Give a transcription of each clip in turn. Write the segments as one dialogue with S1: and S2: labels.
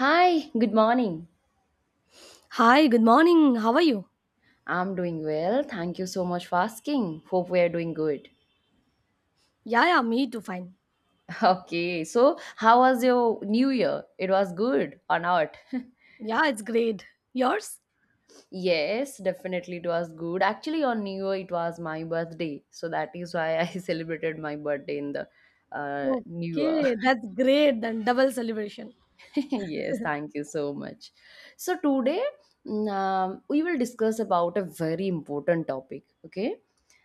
S1: Hi, good morning.
S2: Hi, good morning. How are you?
S1: I'm doing well. Thank you so much for asking. Hope we are doing good.
S2: Yeah, yeah, me too. Fine.
S1: Okay, so how was your new year? It was good or not?
S2: Yeah, it's great. Yours?
S1: Yes, definitely it was good. Actually, on New Year, it was my birthday. So that is why I celebrated my birthday in the New Year.
S2: Okay, that's great. Then double celebration.
S1: Yes, thank you so much. So today we will discuss about a very important topic, okay?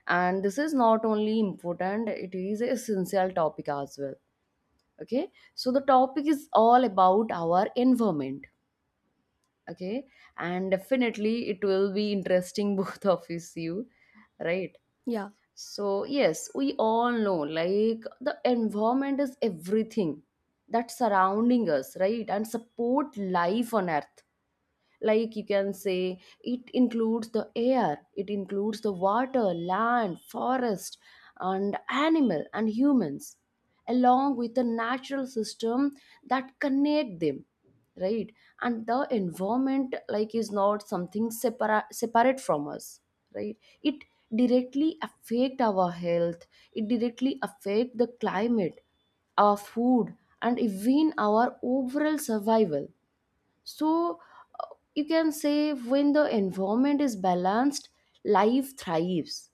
S1: And this is not only important, it is a essential topic as well, okay? So the topic is all about our environment, okay? And definitely it will be interesting both of us, you, right?
S2: Yeah,
S1: So yes, we all know like the environment is everything that surrounding us, right? And support life on earth, like you can say, it includes the air, it includes the water, land, forest, and animal and humans, along with the natural system that connect them, right? And the environment like is not something separate from us, right? It directly affect our health, it directly affect the climate, our food, and even our overall survival. So uh, you can say when the environment is balanced, life thrives.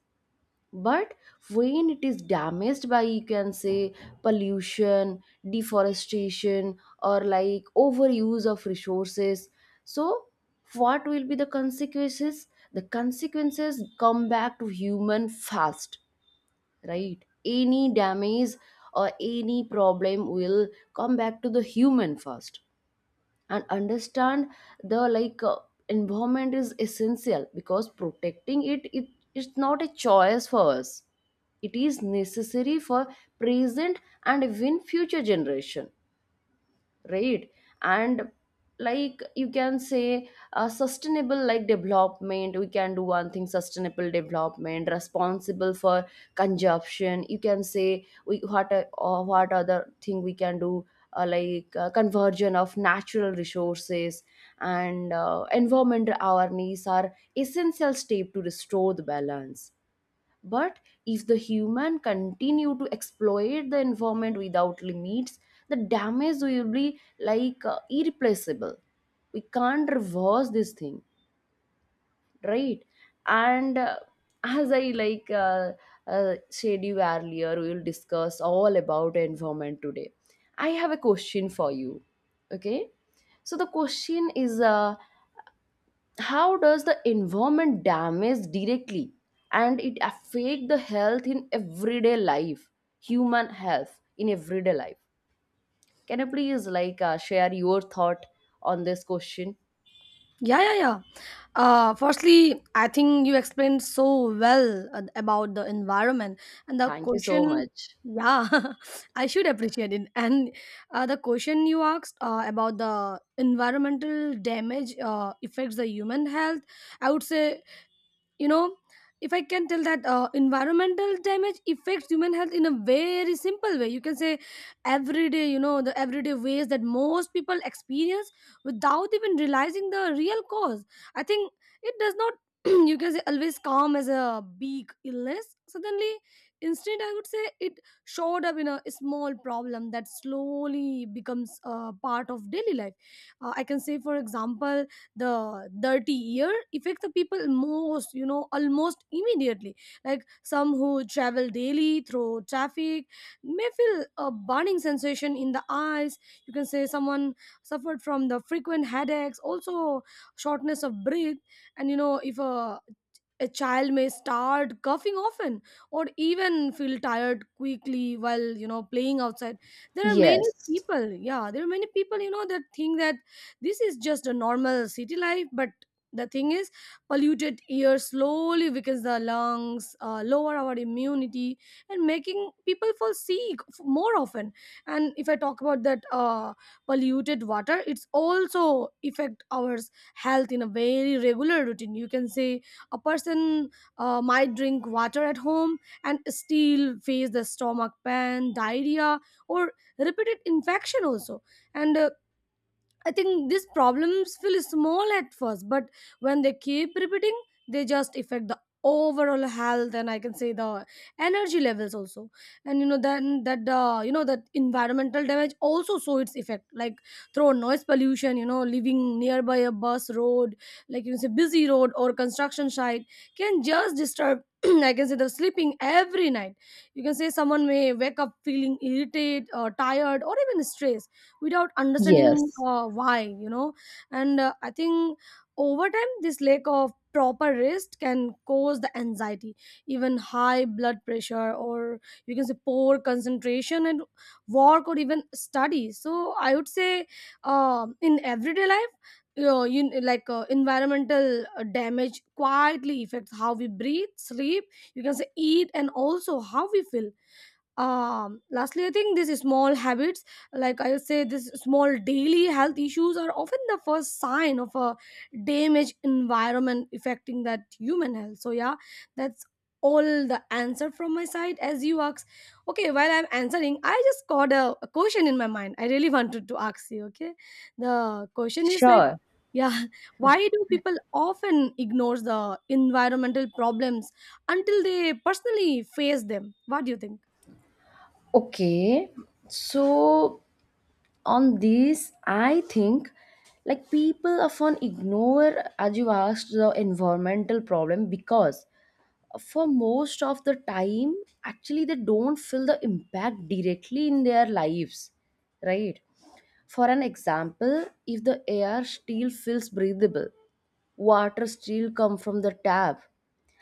S1: But when it is damaged by, you can say, pollution, deforestation, or like overuse of resources, so what will be the consequences? The consequences come back to human fast, right? Any damage or any problem will come back to the human first, and understand the environment is essential because protecting it, it's not a choice for us, it is necessary for present and even future generation, right? And like you can say, sustainable like development, we can do one thing, sustainable development responsible for consumption. You can say we what a- or what other thing we can do? Conversion of natural resources and environment awareness are essential step to restore the balance. But if the human continue to exploit the environment without limits, the damage will be irreplaceable. We can't reverse this thing, right? And as I said you earlier, we will discuss all about environment today. I have a question for you. Okay, so the question is, how does the environment damage directly and it affect the health in everyday life, human health in everyday life? Can you please share your thought on this question?
S2: yeah, yeah, yeah. Firstly, I think you explained so well about the environment and the
S1: Thank you so
S2: question.
S1: much.
S2: Yeah, I should appreciate it. And the question you asked about the environmental damage affects the human health, I would say, you know if I can tell that environmental damage affects human health in a very simple way, you can say everyday, the everyday ways that most people experience without even realizing the real cause. I think it does not, you can say, always come as a big illness suddenly. Instead, I would say it showed up in a small problem that slowly becomes a part of daily life. I can say, for example, the dirty year affect the people most, almost immediately, like some who travel daily through traffic may feel a burning sensation in the eyes. You can say someone suffered from the frequent headaches, also shortness of breath. And if a child may start coughing often or even feel tired quickly while playing outside. There are many
S1: Yes,
S2: people, yeah, there are many people, that think that this is just a normal city life. But the thing is, polluted air slowly weakens the lungs, lower our immunity, and making people fall sick more often. And if I talk about that, polluted water, it's also affect our health in a very regular routine, you can say. A person might drink water at home and still face the stomach pain, diarrhea, or repeated infection also. And I think these problems feel small at first, but when they keep repeating, they just affect the overall health, and I can say the energy levels also. And then that, the you know that environmental damage also show its effect, like through noise pollution, living nearby a bus road, like you say, busy road or construction site, can just disturb, I can say, the sleeping every night. You can say someone may wake up feeling irritated or tired or even stressed without understanding
S1: yes,
S2: why, and I think over time this lack of proper rest can cause the anxiety, even high blood pressure, or you can say poor concentration and work or even study. So I would say, um, in everyday life, you know, you, like environmental damage quietly affects how we breathe, sleep, you can say eat, and also how we feel. Um, lastly, I think these small habits, like I say, these small daily health issues are often the first sign of a damaged environment affecting that human health. So yeah, that's all the answer from my side, as you ask. Okay, while I'm answering, I just got a question in my mind I really wanted to ask you. Okay, the question is like,
S1: sure.
S2: yeah, why do people often ignore the environmental problems until they personally face them? What do you think?
S1: Okay, so on this I think like people often ignore, as you asked, the environmental problem, because for most of the time, actually they don't feel the impact directly in their lives, right? For an example, if the air still feels breathable, water still come from the tap,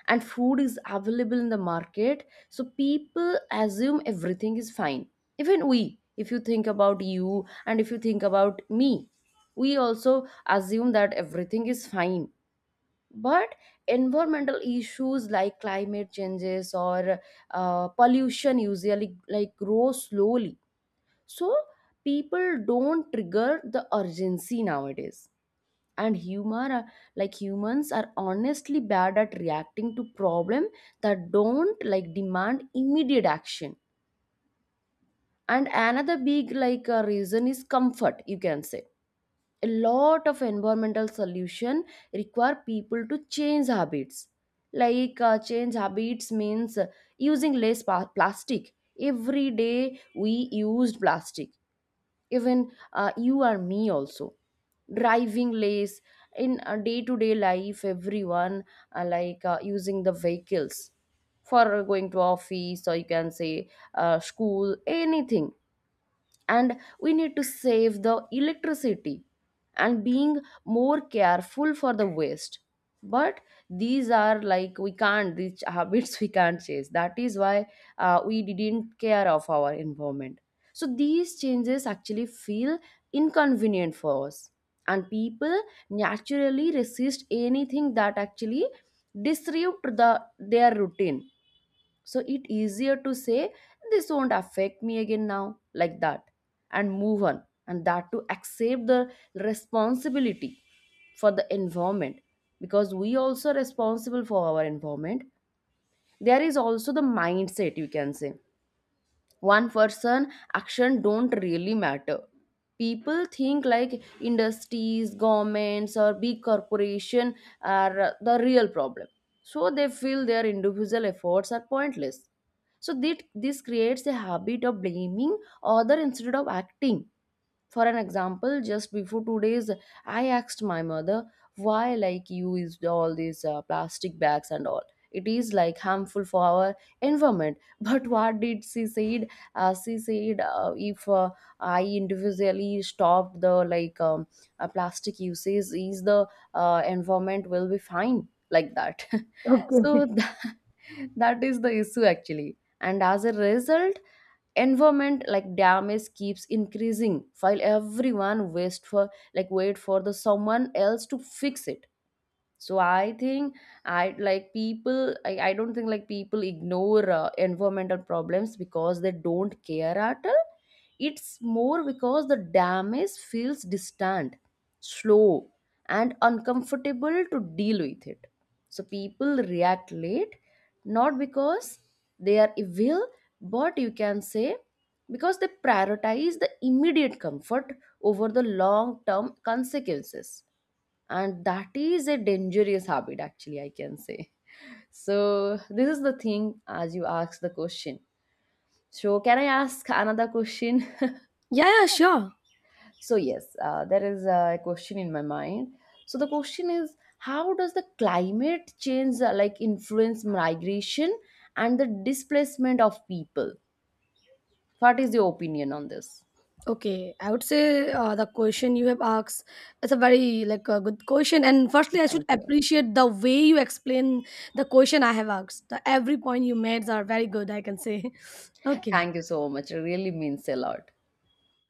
S1: and food is available in the market, so people assume everything is fine. Even we, if you think about you, and if you think about me, we also assume that everything is fine. But environmental issues like climate changes or pollution usually like grow slowly, so people don't trigger the urgency nowadays. And like humans are honestly bad at reacting to problem that don't like demand immediate action. And another big reason is comfort, you can say. A lot of environmental solution require people to change habits. Like change habits means, using less plastic, every day we used plastic, even you or me also, driving less. In a day-to-day life, everyone using the vehicles for going to office, or you can say school, anything. And we need to save the electricity and being more careful for the waste. But these are like, we can't, these habits we can't change, that is why we didn't care of our environment. So these changes actually feel inconvenient for us, and people naturally resist anything that actually disrupt the their routine. So it easier to say this won't affect me again now, like that, and move on, and that to accept the responsibility for the environment, because we also responsible for our environment. There is also the mindset, you can say, one person action don't really matter. People think like industries, governments, or big corporation are the real problem, so they feel their individual efforts are pointless. So that this creates a habit of blaming other instead of acting. For an example, just before 2 days, I asked my mother, why like you used all these plastic bags and all? It is like harmful for our environment. But what did she said? She said, if I individually stopped the plastic usage, is the environment will be fine, like that.
S2: Okay.
S1: So that, that is the issue actually. And as a result, environment like damage keeps increasing while everyone waits for, like wait for the someone else to fix it. So I think I don't think like people ignore environmental problems because they don't care at all. It's more because the damage feels distant, slow, and uncomfortable to deal with it. So people react late, not because they are evil, but you can say because they prioritize the immediate comfort over the long term consequences. And that is a dangerous habit actually, I can say. So this is the thing, as you ask the question. So can I ask another question?
S2: Yeah, yeah, sure.
S1: So yes, there is a question in my mind. So the question is, how does the climate change like influence migration and the displacement of people? What is your opinion on this?
S2: Okay, I would say the question you have asked is a very, like, a good question. And firstly, I
S1: Thank
S2: should
S1: you.
S2: appreciate the way you explain the question I have asked. The every point you made are very good, I can say. Okay.
S1: Thank you so much, it really means a lot.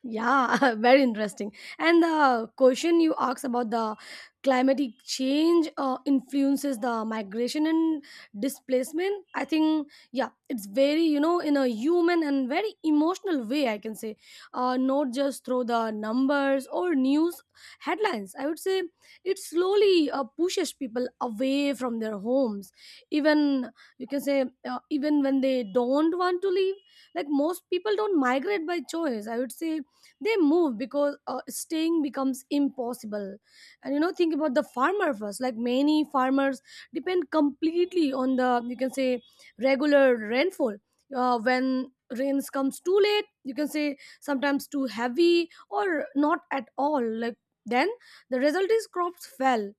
S2: Yeah, very interesting. And the question you asked about the climatic change influences the migration and displacement. I think, yeah, it's very, you know, in a human and very emotional way, I can say, not just through the numbers or news headlines. I would say it slowly pushes people away from their homes. Even, you can say, even when they don't want to leave, like most people don't migrate by choice. I would say they move because staying becomes impossible. And think about the farmer first, like many farmers depend completely on the, you can say, regular rainfall. When rains comes too late, you can say sometimes too heavy, or not at all, like, then the result is crops fell.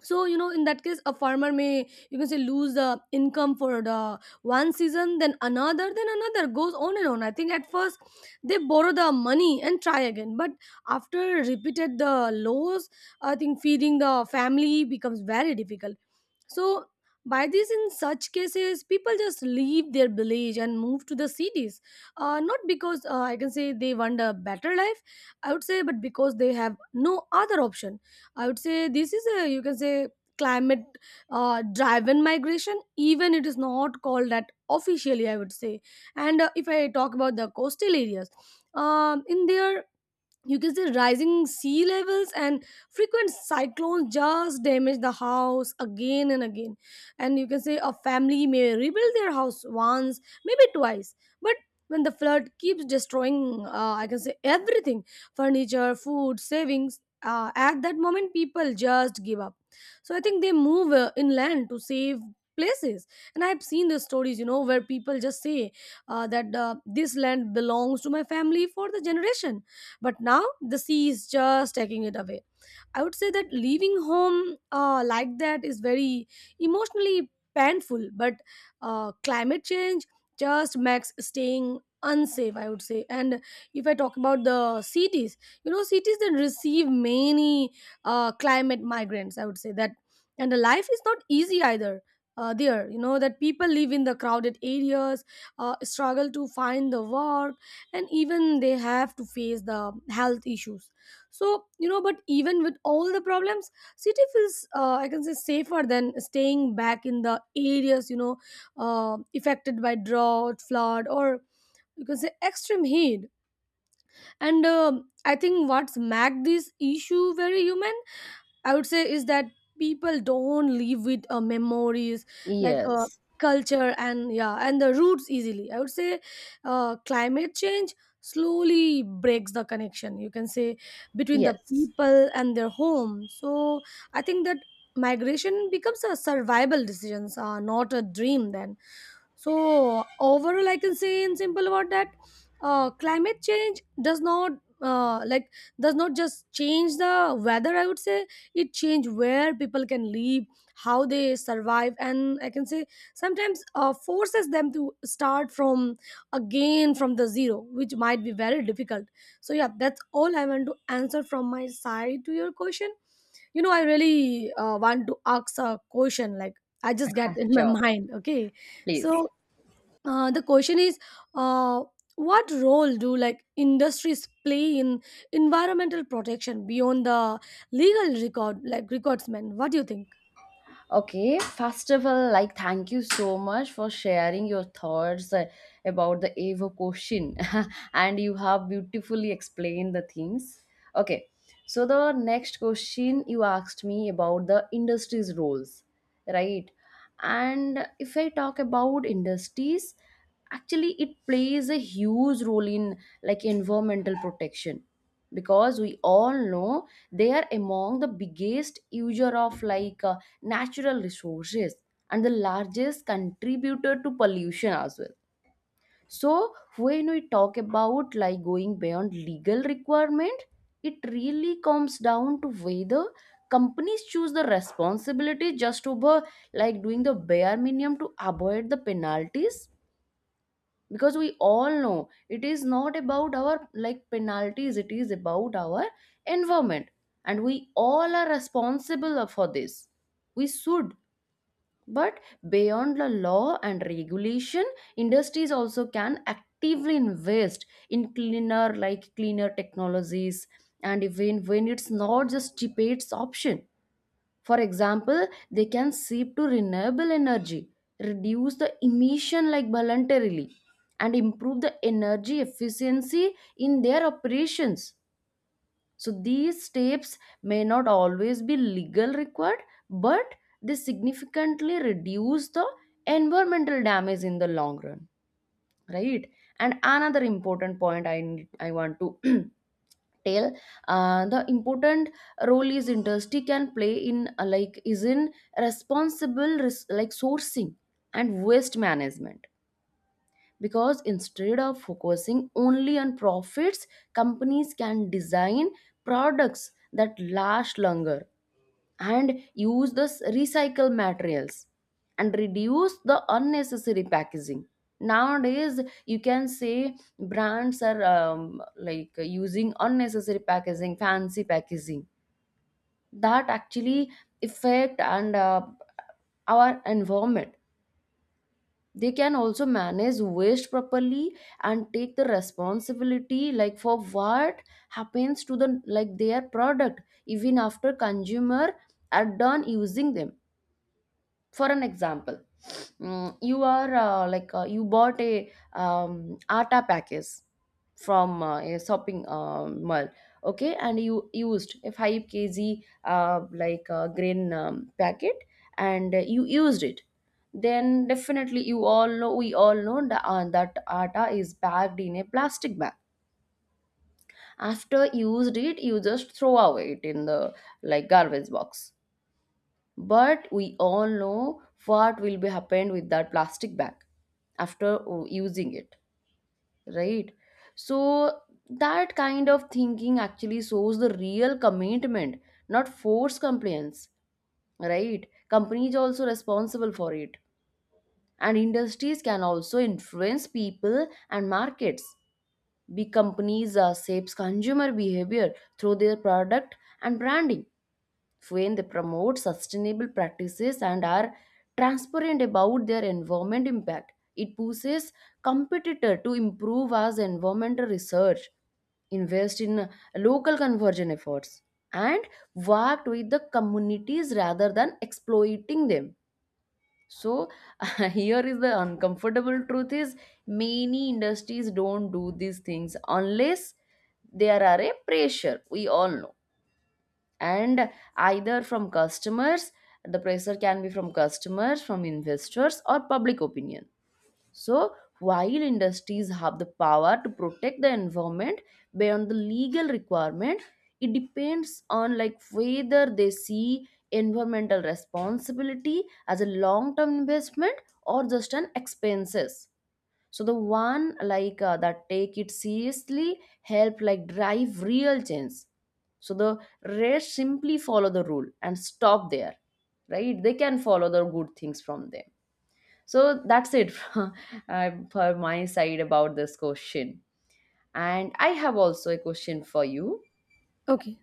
S2: So in that case a farmer may, you can say, lose the income for the one season, then another, then another, goes on and on. I think at first they borrow the money and try again, but after repeated the loss, I think feeding the family becomes very difficult. So by this, in such cases, people just leave their village and move to the cities. Not because, I can say, they want a better life, I would say, but because they have no other option. I would say this is a, you can say, climate driven migration, even it is not called that officially, I would say. And if I talk about the coastal areas, in there, you can say, rising sea levels and frequent cyclones just damage the house again and again. And you can say a family may rebuild their house once, maybe twice, but when the flood keeps destroying, I can say, everything, furniture, food, savings, at that moment people just give up. So I think they move inland to save places. And I've seen the stories, where people just say that this land belongs to my family for the generation, but now the sea is just taking it away. I would say that leaving home like that is very emotionally painful, but climate change just makes staying unsafe, I would say. And if I talk about the cities, cities that receive many climate migrants, I would say that and the life is not easy either. There, that people live in the crowded areas, struggle to find the work, and even they have to face the health issues. So but even with all the problems, city feels, I can say, safer than staying back in the areas, affected by drought, flood, or you can say extreme heat. And I think what's made this issue very human, I would say, is that people don't live with memories, like
S1: Yes,
S2: culture, and yeah, and the roots easily. I would say climate change slowly breaks the connection, you can say, between the
S1: yes,
S2: people and their home. So I think that migration becomes a survival decisions, not a dream then. So overall, I can say, in simple word, that climate change uh, like does not just change the weather. I would say it change where people can live, how they survive, and I can say sometimes forces them to start from again from the zero, which might be very difficult. So yeah, that's all I want to answer from my side to your question. You know, I really want to ask a question, like I just get in my
S1: sure,
S2: mind. Okay, so
S1: please.
S2: the question is, uh, what role do, like, industries play in environmental protection beyond the legal record, like recordsman? What do you think?
S1: Okay, first of all, like thank you so much for sharing your thoughts about the Evo question, and you have beautifully explained the things. Okay, so the next question you asked me about the industry's roles, right? And if I talk about industries, actually it plays a huge role in like environmental protection, because we all know they are among the biggest user of natural resources and the largest contributor to pollution as well. So when we talk about like going beyond legal requirement, it really comes down to whether companies choose the responsibility just over like doing the bare minimum to avoid the penalties. Because we all know it is not about our like penalties, it is about our environment, and we all are responsible for this, we should. But beyond the law and regulation, industries also can actively invest in cleaner, like cleaner technologies, and even when it's not just debates option. For example, they can shift to renewable energy, reduce the emission like voluntarily, and improve the energy efficiency in their operations. So these steps may not always be legal required, but they significantly reduce the environmental damage in the long run, right? And another important point I need, I want to tell, the important role is industry can play in is in responsible like sourcing and waste management. Because instead of focusing only on profits, companies can design products that last longer, and use the recycled materials, and reduce the unnecessary packaging. Nowadays, you can say brands are like using unnecessary packaging, fancy packaging that actually affect and our environment. They can also manage waste properly and take the responsibility like for what happens to the like their product even after consumer are done using them. For an example, you are you bought a atta package from a shopping mall, okay, and you used a 5 kg grain packet, and you used it. Then definitely you all know, we all know that, that atta is packed in a plastic bag. After used it, you just throw away it in the like garbage box. But we all know what will be happened with that plastic bag after using it, right? So that kind of thinking actually shows the real commitment, not forced compliance, right? Companies also responsible for it, and industries can also influence people and markets. Big companies shapes consumer behavior through their product and branding. When they promote sustainable practices and are transparent about their environment impact, it pushes competitor to improve as environmental research, invest in local conversion efforts, and work with the communities rather than exploiting them. So here is the uncomfortable truth is, many industries don't do these things unless there are a pressure. We all know, and either from customers, the pressure can be from customers, from investors, or public opinion. So while industries have the power to protect the environment beyond the legal requirement, it depends on like whether they see environmental responsibility as a long term investment or just an expenses. So the one like that take it seriously help like drive real change. So the rest simply follow the rule and stop there, right? They can follow the good things from them. So that's it for my side about this question. And I have also a question for you.
S2: Okay,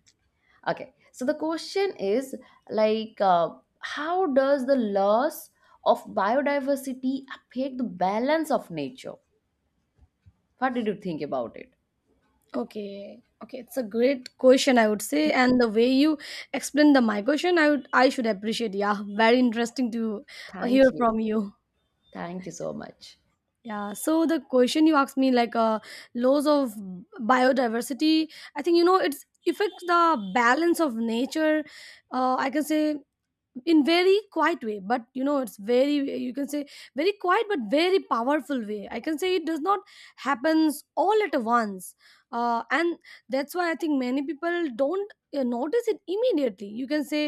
S1: Okay, so the question is like how does the loss of biodiversity affect the balance of nature? What did you think about it?
S2: okay, okay, it's a great question, I would say. And the way you explain the my question, I would, I should appreciate. Yeah, very interesting to hear
S1: Thank you.
S2: from you.
S1: Thank you so much.
S2: Yeah, so the question you asked me, like laws of biodiversity, I think, it's affects the balance of nature. I can say in very quiet way, but it's very, you can say, very quiet but very powerful way, I can say. It does not happens all at once. And that's why I think many people don't notice it immediately, you can say.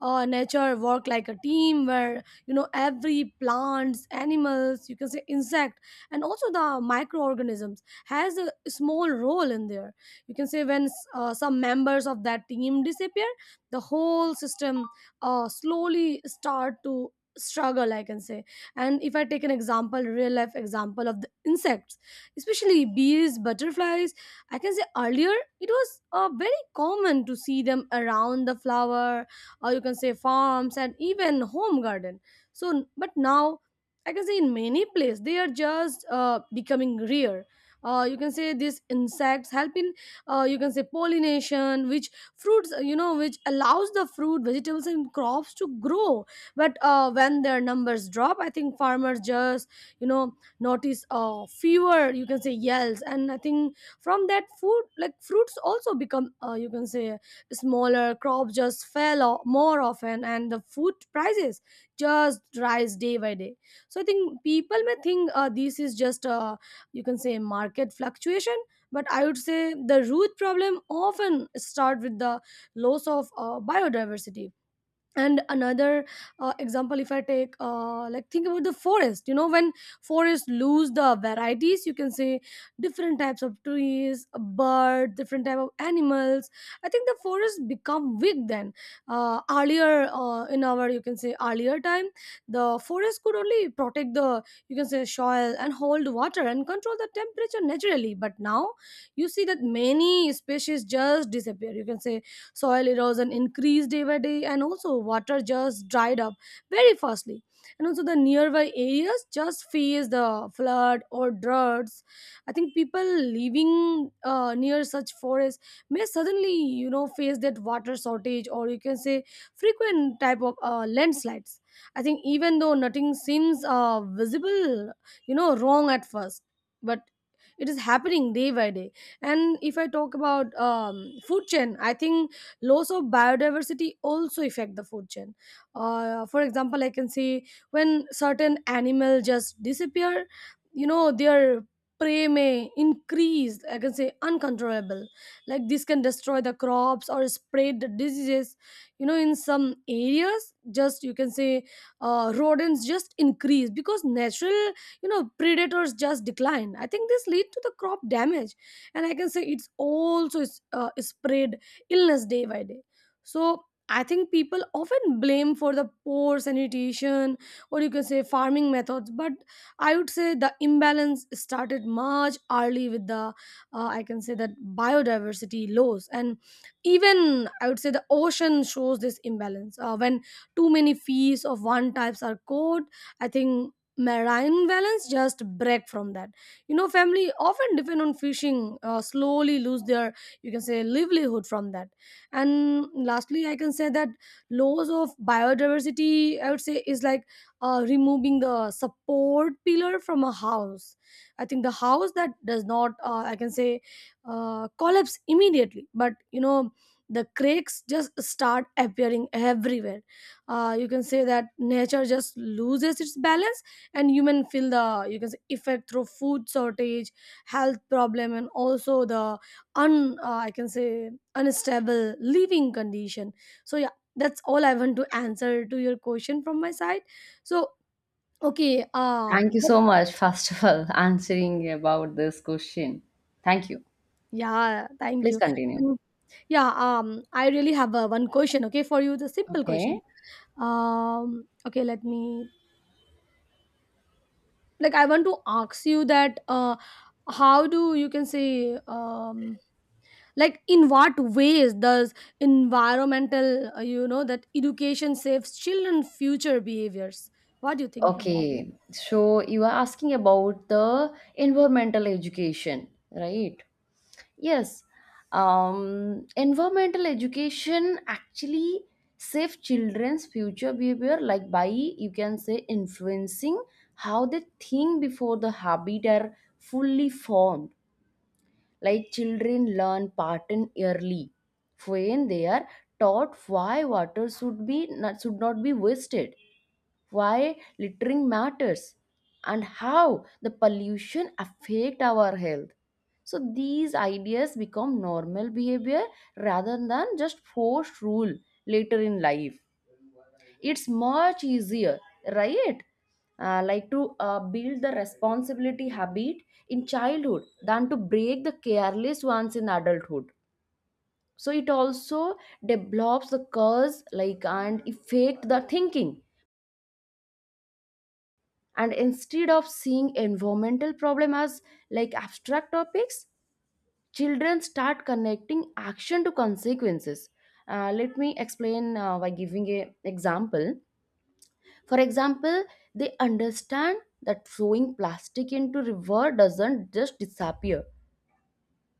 S2: Nature work like a team where, every plants, animals, you can say insect and also the microorganisms, has a small role in there. You can say when some members of that team disappear, the whole system slowly start to struggle, I can say. And if I take an example, real life example, of the insects, especially bees, butterflies, I can say earlier it was very common to see them around the flower, or you can say farms and even home garden. So but now, I can say in many places they are just becoming rare. You can say these insects help in, you can say, pollination, which fruits, which allows the fruit, vegetables, and crops to grow. But when their numbers drop, I think farmers just, you know notice fewer, you can say, yells. And I think from that food, like fruits also become, you can say, smaller, crops just fell more often, and the food prices just rise day by day. So I think people may think, this is just You can say market fluctuation, but I would say the root problem often start with the loss of biodiversity. And another example, if I take like think about the forest, you know, when forests lose the varieties, you can say different types of trees, a bird, different type of animals, I think the forest become weak. Then earlier, in our you can say earlier time, the forest could only protect the you can say soil and hold water and control the temperature naturally. But now you see that many species just disappear, you can say soil erosion increased day by day, and also water just dried up very fastly. And also the nearby areas just faced the flood or droughts. I think people living near such forests may suddenly, you know, face that water shortage or you can say frequent type of landslides. I think even though nothing seems visible, you know, wrong at first, but it is happening day by day. And if I talk about food chain, I think loss of biodiversity also affect the food chain. For example, I can see when certain animal just disappear, you know, their prey may increase, I can say uncontrollable, like this can destroy the crops or spread the diseases, you know. In some areas just you can say rodents just increase because natural, you know, predators just decline. I think this lead to the crop damage, and I can say it's also is, spread illness day by day. So I think people often blame for the poor sanitation or you can say farming methods, but I would say the imbalance started much early with the I can say that biodiversity loss. And even I would say the ocean shows this imbalance when too many fish of one types are caught, I think marine balance just break from that, you know. Family often depend on fishing slowly lose their you can say livelihood from that. And lastly, I can say that loss of biodiversity, I would say, is like removing the support pillar from a house. I think the house that does not I can say collapse immediately, but you know, the cracks just start appearing everywhere. You can say that nature just loses its balance and human feel the you can say effect through food shortage, health problem, and also the un I can say unstable living condition. So yeah, that's all I want to answer to your question from my side. So okay,
S1: Thank you so much, first of all, answering about this question. Thank you.
S2: yeah, thank
S1: Please
S2: you.
S1: continue.
S2: Yeah, I really have one question, okay, for you, the simple question.
S1: Okay.
S2: Okay, let me, like, I want to ask you that how do you can say, um like, in what ways does environmental you know that education saves children future behaviors? What do you think about it?
S1: Okay. So you are asking about the environmental education, right? Yes. Environmental education actually save children's future behavior, like by you can say influencing how they think before the habit are fully formed. Like children learn pattern early when they are taught why water should not be wasted, why littering matters, and how the pollution affect our health. So these ideas become normal behavior rather than just forced rule. Later in life it's much easier, right? Like to build the responsibility habit in childhood than to break the careless ones in adulthood. So it also develops the cause like and affect the thinking. And instead of seeing environmental problem as like abstract topics, children start connecting action to consequences. Let me explain by giving a example. For example, they understand that throwing plastic into river doesn't just disappear.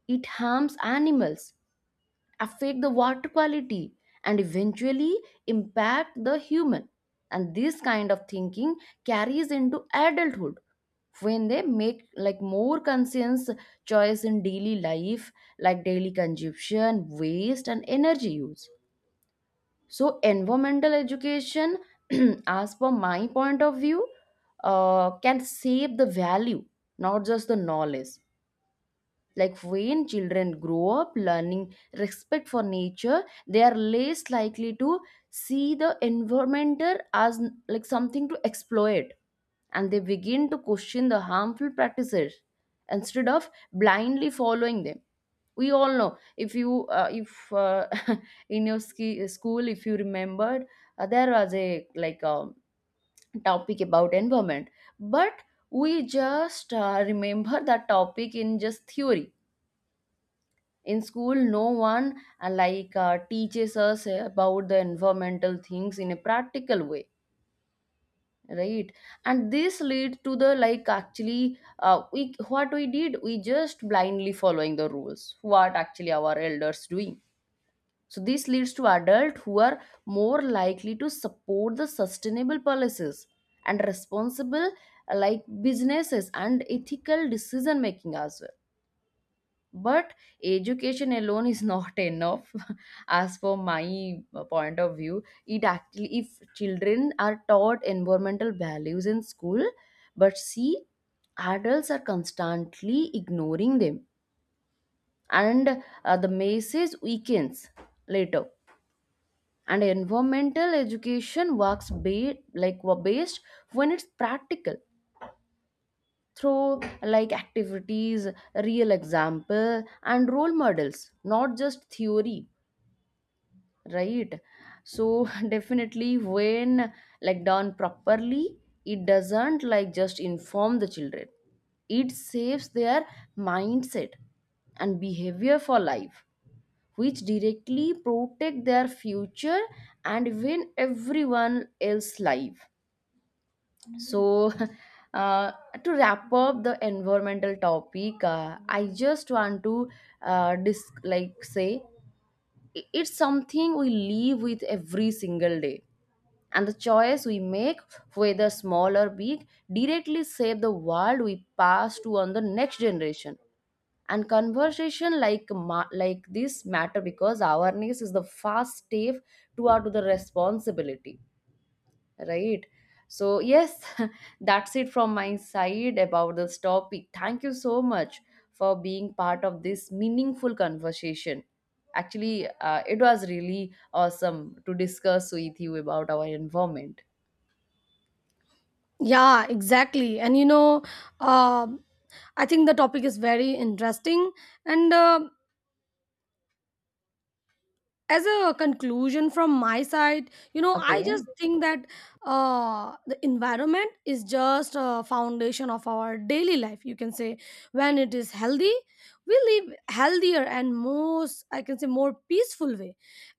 S1: It harms animals, affect the water quality, and eventually impact the human. And this kind of thinking carries into adulthood when they make like more conscious choice in daily life, like daily consumption, waste and energy use. So, environmental education, as per my point of view, can save the value, not just the knowledge. Like when children grow up learning respect for nature, they are less likely to see the environmental as like something to exploit, and they begin to question the harmful practices instead of blindly following them. We all know if you if in your school, if you remembered, there was a like a topic about environment, but we just remember that topic in just theory. In school no one teaches us about the environmental things in a practical way, right? And this leads to the like actually we, what we did, we just blindly following the rules what actually our elders doing. So this leads to adults who are more likely to support the sustainable policies and responsible like businesses and ethical decision making as well. But education alone is not enough, as for my point of view. It actually, if children are taught environmental values in school, but see, adults are constantly ignoring them, and the message weakens later. And environmental education works based when it's practical, through like activities, real example and role models, not just theory, right? So definitely when like done properly, it doesn't like just inform the children, it saves their mindset and behavior for life, which directly protect their future and even everyone else's life. So, uh, to wrap up the environmental topic, I just want to like say it's something we live with every single day, and the choice we make, whether small or big, directly save the world we pass to on the next generation. And conversation like like this matter because awareness is the first step toward the responsibility, right? So yes, that's it from my side about this topic. Thank you so much for being part of this meaningful conversation. Actually it was really awesome to discuss with you about our environment.
S2: Yeah, exactly. And you know, um I think the topic is very interesting, and as a conclusion from my side, you know, I
S1: Okay.
S2: just think that the environment is just a foundation of our daily life, you can say. When it is healthy, we live healthier and most I can say more peaceful way.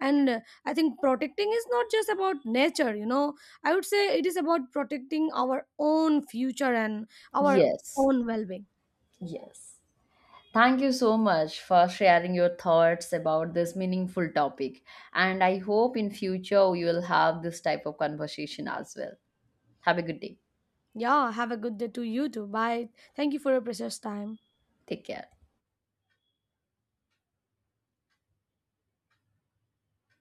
S2: And I think protecting is not just about nature, you know, I would say it is about protecting our own future and our
S1: Yes.
S2: own well-being.
S1: Yes. Thank you so much for sharing your thoughts about this meaningful topic. And I hope in future we will have this type of conversation as well. Have a good day.
S2: Yeah, have a good day to you too. Bye. Thank you for your precious time.
S1: Take care.